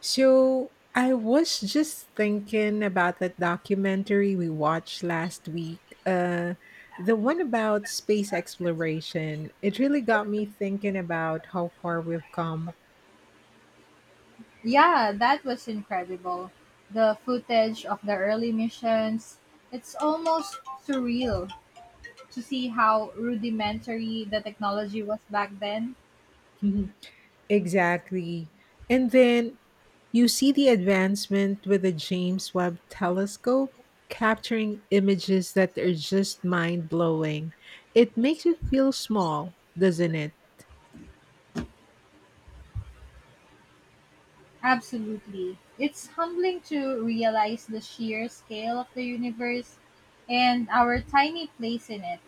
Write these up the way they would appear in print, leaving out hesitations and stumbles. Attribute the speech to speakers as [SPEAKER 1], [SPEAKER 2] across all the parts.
[SPEAKER 1] So I was just thinking about that documentary we watched last week. The one about space exploration. It really got me thinking about how far we've come.
[SPEAKER 2] Yeah, that was incredible. The footage of the early missions, it's almost surreal to see how rudimentary the technology was back then.
[SPEAKER 1] Mhm. Exactly. And then you see the advancement with the James Webb telescope capturing images that are just mind blowing. It makes you feel small, doesn't it?
[SPEAKER 2] Absolutely. It's humbling to realize the sheer scale of the universe and our tiny place in it.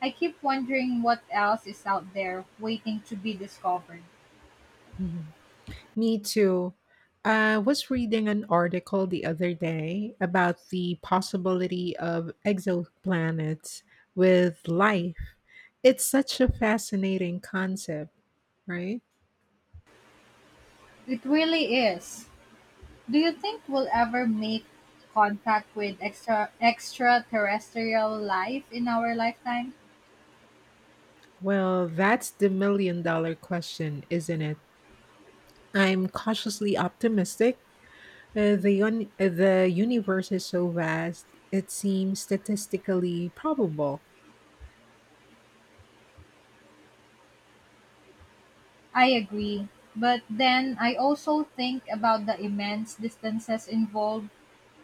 [SPEAKER 2] I keep wondering what else is out there waiting to be discovered.
[SPEAKER 1] Me too. I was reading an article the other day about the possibility of exoplanets with life. It's such a fascinating concept, right?
[SPEAKER 2] It really is. Do you think we'll ever make contact with extraterrestrial life in our lifetime?
[SPEAKER 1] Well, that's the million dollar question, isn't it? I'm cautiously optimistic. The universe is so vast, it seems statistically probable.
[SPEAKER 2] I agree, but then I also think about the immense distances involved.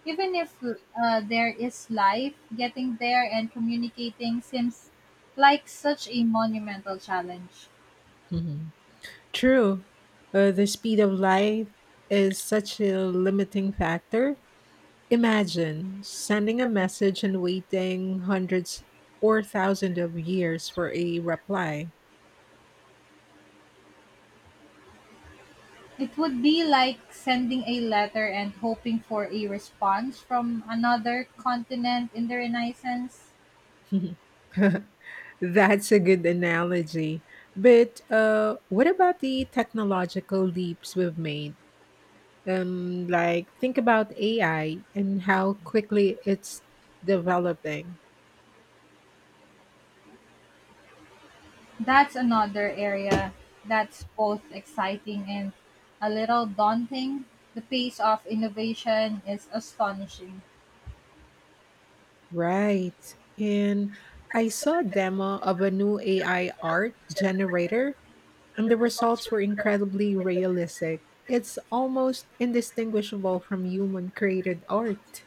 [SPEAKER 2] Even if there is life, getting there and communicating seems like such a monumental challenge.
[SPEAKER 1] Mm-hmm. True, the speed of light is such a limiting factor. Imagine sending a message and waiting hundreds or thousands of years for a reply.
[SPEAKER 2] It would be like sending a letter and hoping for a response from another continent in the Renaissance.
[SPEAKER 1] That's a good analogy. But what about the technological leaps we've made? Like, think about AI and how quickly it's developing.
[SPEAKER 2] That's another area that's both exciting and a little daunting. The pace of innovation is astonishing.
[SPEAKER 1] Right. And I saw a demo of a new AI art generator, and the results were incredibly realistic. It's almost indistinguishable from human created art.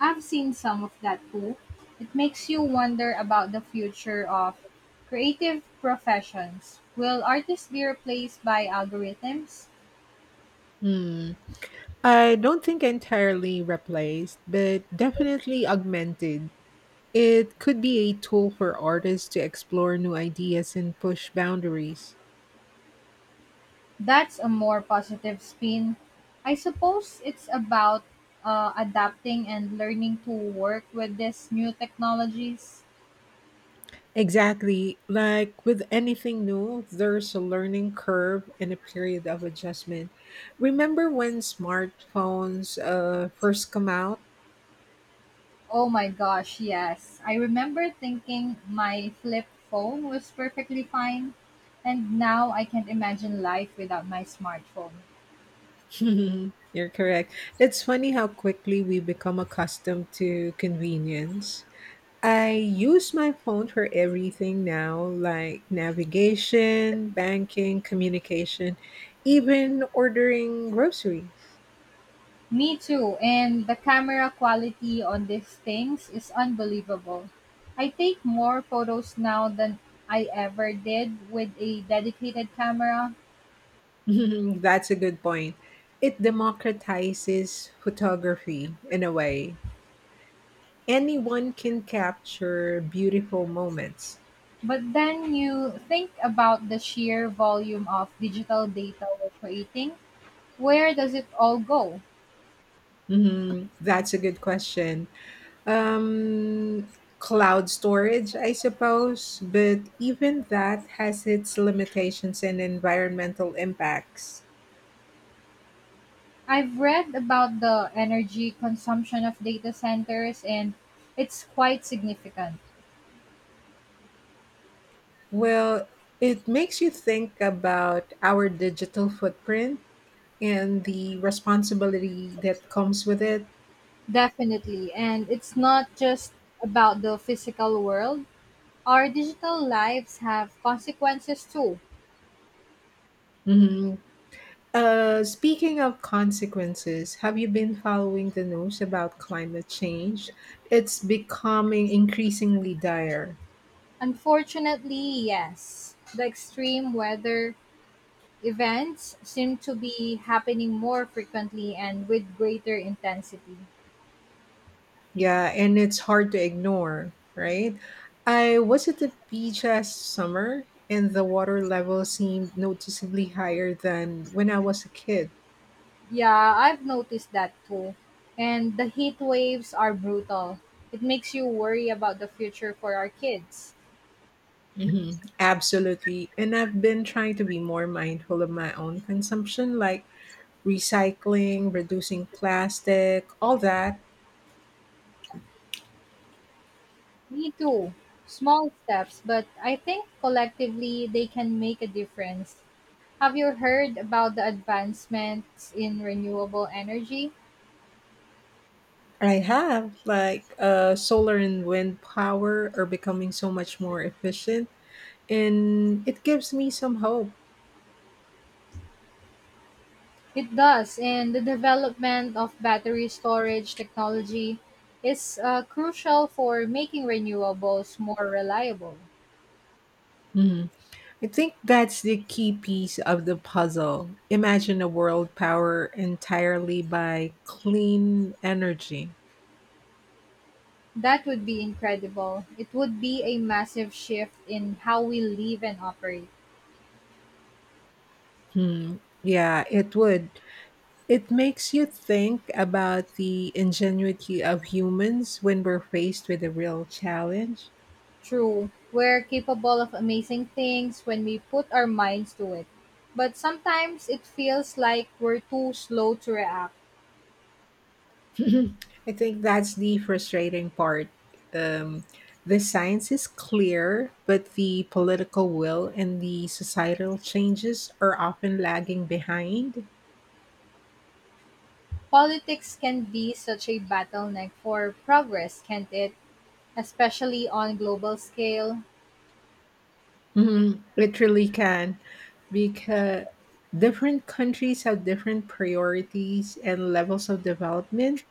[SPEAKER 2] I've seen some of that too. It makes you wonder about the future of creative professions. Will artists be replaced by algorithms?
[SPEAKER 1] Hmm. I don't think entirely replaced, but definitely augmented. It could be a tool for artists to explore new ideas and push boundaries.
[SPEAKER 2] That's a more positive spin. I suppose it's about adapting and learning to work with these new technologies.
[SPEAKER 1] Exactly. Like with anything new, there's a learning curve and a period of adjustment. Remember when smartphones first come out?
[SPEAKER 2] Oh my gosh, yes. I remember thinking my flip phone was perfectly fine, and now I can't imagine life without my smartphone.
[SPEAKER 1] You're correct. It's funny how quickly we become accustomed to convenience. I use my phone for everything now, like navigation, banking, communication, even ordering groceries.
[SPEAKER 2] Me too, and the camera quality on these things is unbelievable. I take more photos now than I ever did with a dedicated camera,
[SPEAKER 1] That's a good point. It democratizes photography in a way. Anyone can capture beautiful moments.
[SPEAKER 2] but then you think about the sheer volume of digital data we're creating. Where does it all go?
[SPEAKER 1] Mhm. That's a good question. Um, Cloud storage, I suppose, but even that has its limitations and environmental impacts.
[SPEAKER 2] I've read about the energy consumption of data centers and it's quite significant.
[SPEAKER 1] Well, it makes you think about our digital footprint and the responsibility that comes with it.
[SPEAKER 2] Definitely. And it's not just about the physical world. Our digital lives have consequences too.
[SPEAKER 1] Mhm. Speaking of consequences, have you been following the news about climate change? It's becoming increasingly dire.
[SPEAKER 2] Unfortunately, yes. The extreme weather events seem to be happening more frequently and with greater intensity.
[SPEAKER 1] Yeah, and it's hard to ignore, right? I was at the beach last summer, and the water level seemed noticeably higher than when I was a kid.
[SPEAKER 2] Yeah, I've noticed that too. And the heat waves are brutal. It makes you worry about the future for our kids.
[SPEAKER 1] Hmm. Absolutely. And I've been trying to be more mindful of my own consumption, like recycling, reducing plastic, all that.
[SPEAKER 2] Me too. Small steps, but I think collectively they can make a difference. Have you heard about the advancements in renewable energy?
[SPEAKER 1] I have, like, solar and wind power are becoming so much more efficient, and it gives me some hope.
[SPEAKER 2] It does, and the development of battery storage technology is crucial for making renewables more reliable.
[SPEAKER 1] Mhm. I think that's the key piece of the puzzle. Imagine a world powered entirely by clean energy.
[SPEAKER 2] That would be incredible. It would be a massive shift in how we live and operate.
[SPEAKER 1] Hmm. Yeah, it would. It makes you think about the ingenuity of humans when we're faced with a real challenge.
[SPEAKER 2] True, we're capable of amazing things when we put our minds to it. But sometimes it feels like we're too slow to react.
[SPEAKER 1] I think that's the frustrating part. Um, the science is clear, but the political will and the societal changes are often lagging behind.
[SPEAKER 2] Politics can be such a bottleneck for progress, can't it? Especially on global scale.
[SPEAKER 1] Mhm. It really can, because different countries have different priorities and levels of development,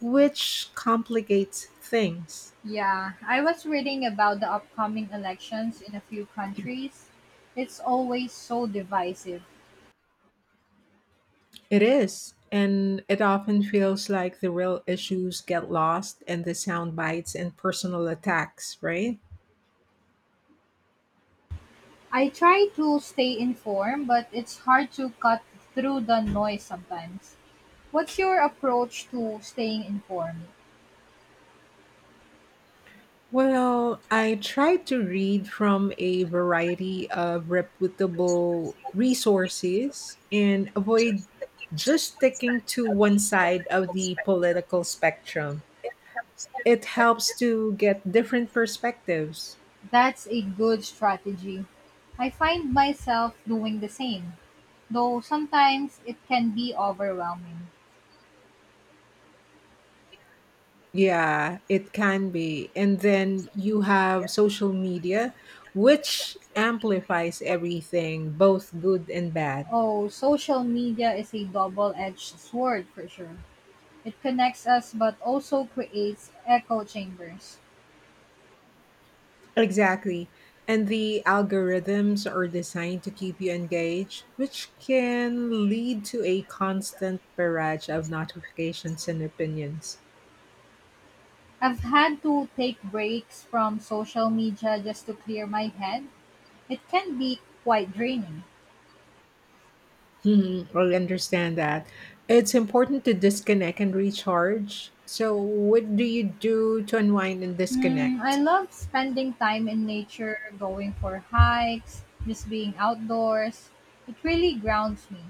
[SPEAKER 1] which complicates things.
[SPEAKER 2] Yeah, I was reading about the upcoming elections in a few countries. It's always so divisive.
[SPEAKER 1] It is, and it often feels like the real issues get lost in the sound bites and personal attacks, right?
[SPEAKER 2] I try to stay informed, but it's hard to cut through the noise sometimes. What's your approach to staying informed?
[SPEAKER 1] Well, I tried to read from a variety of reputable resources and avoid just sticking to one side of the political spectrum. It helps to get different perspectives.
[SPEAKER 2] That's a good strategy. I find myself doing the same, though sometimes it can be overwhelming.
[SPEAKER 1] Yeah, it can be. And then you have social media, which amplifies everything, both good and bad.
[SPEAKER 2] Oh, social media is a double edged sword for sure. It connects us but also creates echo chambers.
[SPEAKER 1] Exactly. And the algorithms are designed to keep you engaged, which can lead to a constant barrage of notifications and opinions.
[SPEAKER 2] I've had to take breaks from social media just to clear my head. It can be quite draining.
[SPEAKER 1] Hmm, I understand that. It's important to disconnect and recharge. So, what do you do to unwind and
[SPEAKER 2] Mm, I
[SPEAKER 1] disconnect?
[SPEAKER 2] love spending time in nature, going for hikes, just being outdoors. It really grounds me.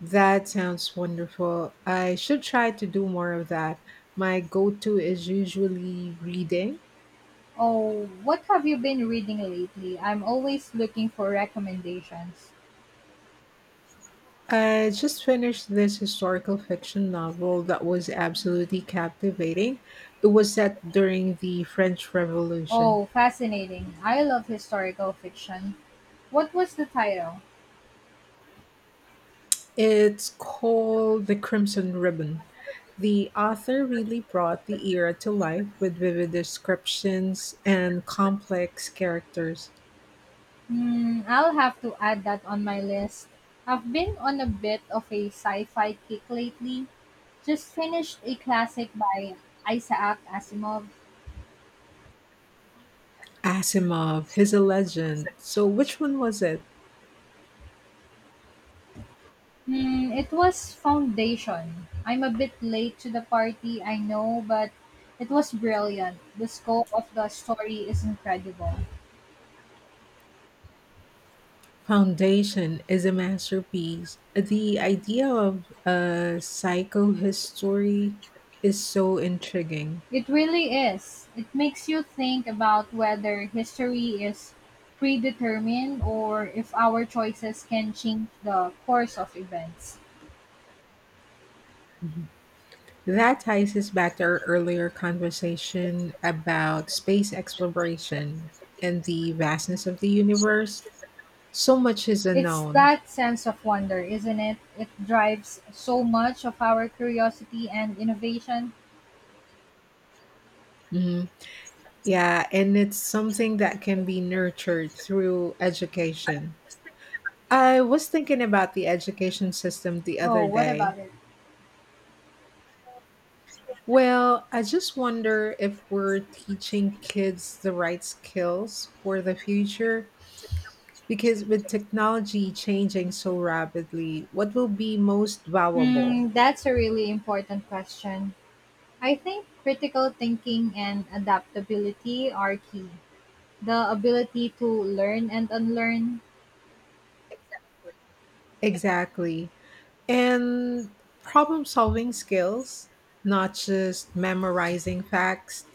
[SPEAKER 1] That sounds wonderful. I should try to do more of that. My go to is usually reading.
[SPEAKER 2] Oh, what have you been reading lately? I'm always looking for recommendations.
[SPEAKER 1] I just finished this historical fiction novel that was absolutely captivating. It was set during the French Revolution.
[SPEAKER 2] Oh, fascinating. I love historical fiction. What was the title?
[SPEAKER 1] It's called The Crimson Ribbon. The author really brought the era to life with vivid descriptions and complex characters.
[SPEAKER 2] Hmm, I'll have to add that on my list. I've been on a bit of a sci fi kick lately. Just finished a classic by Isaac Asimov.
[SPEAKER 1] Asimov, he's a legend. So, which one was it?
[SPEAKER 2] Hmm, it was Foundation. I'm a bit late to the party, I know, but it was brilliant. The scope of the story is incredible.
[SPEAKER 1] Foundation is a masterpiece. The idea of a psychohistory is so intriguing.
[SPEAKER 2] It really is. It makes you think about whether history is predetermined or if our choices can change the course of events.
[SPEAKER 1] Mhm. That ties us back to our earlier conversation about space exploration and the vastness of the universe. So much is
[SPEAKER 2] It's
[SPEAKER 1] unknown.
[SPEAKER 2] that sense of wonder, isn't it? It drives so much of our curiosity and innovation.
[SPEAKER 1] Mhm. Yeah, and it's something that can be nurtured through education. I was thinking about the education system the
[SPEAKER 2] Oh,
[SPEAKER 1] other
[SPEAKER 2] what
[SPEAKER 1] day.
[SPEAKER 2] about it?
[SPEAKER 1] Well, I just wonder if we're teaching kids the right skills for the future. Because with technology changing so rapidly, what will be most valuable?
[SPEAKER 2] Hmm, that's a really important question. I think critical thinking and adaptability are key. The ability to learn and unlearn.
[SPEAKER 1] Exactly. And problem solving skills, not just memorizing facts,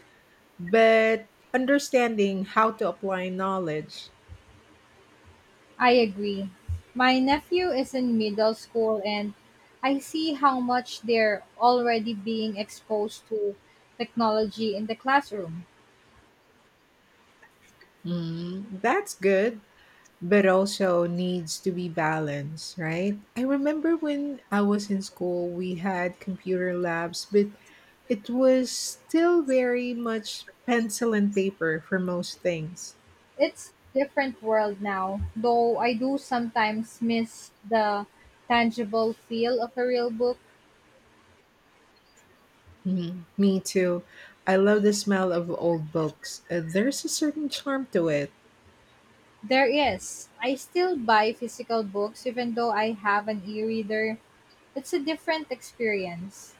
[SPEAKER 1] but understanding how to apply knowledge.
[SPEAKER 2] I agree. My nephew is in middle school and I see how much they're already being exposed to technology in the classroom.
[SPEAKER 1] Mm, that's good. But also needs to be balanced, right? I remember when I was in school, we had computer labs, but it was still very much pencil and paper for most things.
[SPEAKER 2] It's different world now, though I do sometimes miss the tangible feel of a real book.
[SPEAKER 1] Mhm. Me too. I love the smell of old books. There's a certain charm to it.
[SPEAKER 2] There is. I still buy physical books even though I have an e reader. It's a different experience.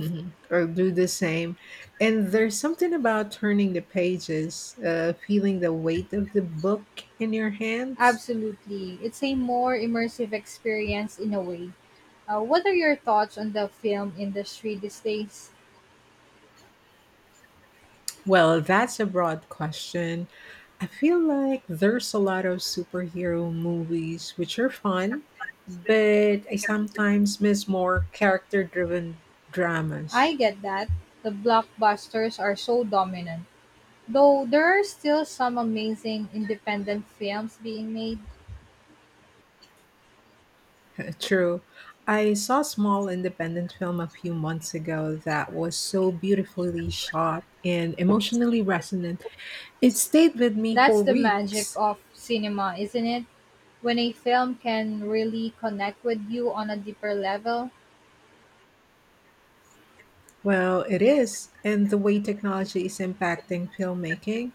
[SPEAKER 1] Mhm. Or do the same. And there's something about turning the pages, feeling the weight of the book in your hands.
[SPEAKER 2] Absolutely. It's a more immersive experience in a way. What are your thoughts on the film industry these days?
[SPEAKER 1] Well, that's a broad question. I feel like there's a lot of superhero movies which are fun, but I sometimes miss more character driven dramas.
[SPEAKER 2] I get that the blockbusters are so dominant, though there are still some amazing independent films being made.
[SPEAKER 1] True. I saw a small independent film a few months ago that was so beautifully shot and emotionally resonant. It stayed with me
[SPEAKER 2] That's
[SPEAKER 1] for
[SPEAKER 2] the magic
[SPEAKER 1] weeks.
[SPEAKER 2] of cinema, isn't it? When a film can really connect with you on a deeper level.
[SPEAKER 1] Well, it is. And the way technology is impacting filmmaking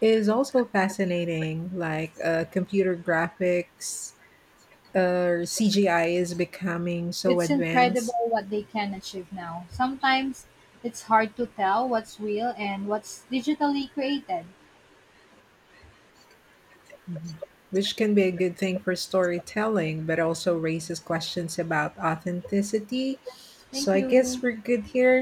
[SPEAKER 1] is also fascinating. Like computer graphics or CGI is becoming so
[SPEAKER 2] It's
[SPEAKER 1] advanced.
[SPEAKER 2] incredible what they can achieve now. Sometimes it's hard to tell what's real and what's digitally created.
[SPEAKER 1] Mhm. Which can be a good thing for storytelling, but also raises questions about authenticity. So
[SPEAKER 2] Thank
[SPEAKER 1] I guess
[SPEAKER 2] you.
[SPEAKER 1] we're good here.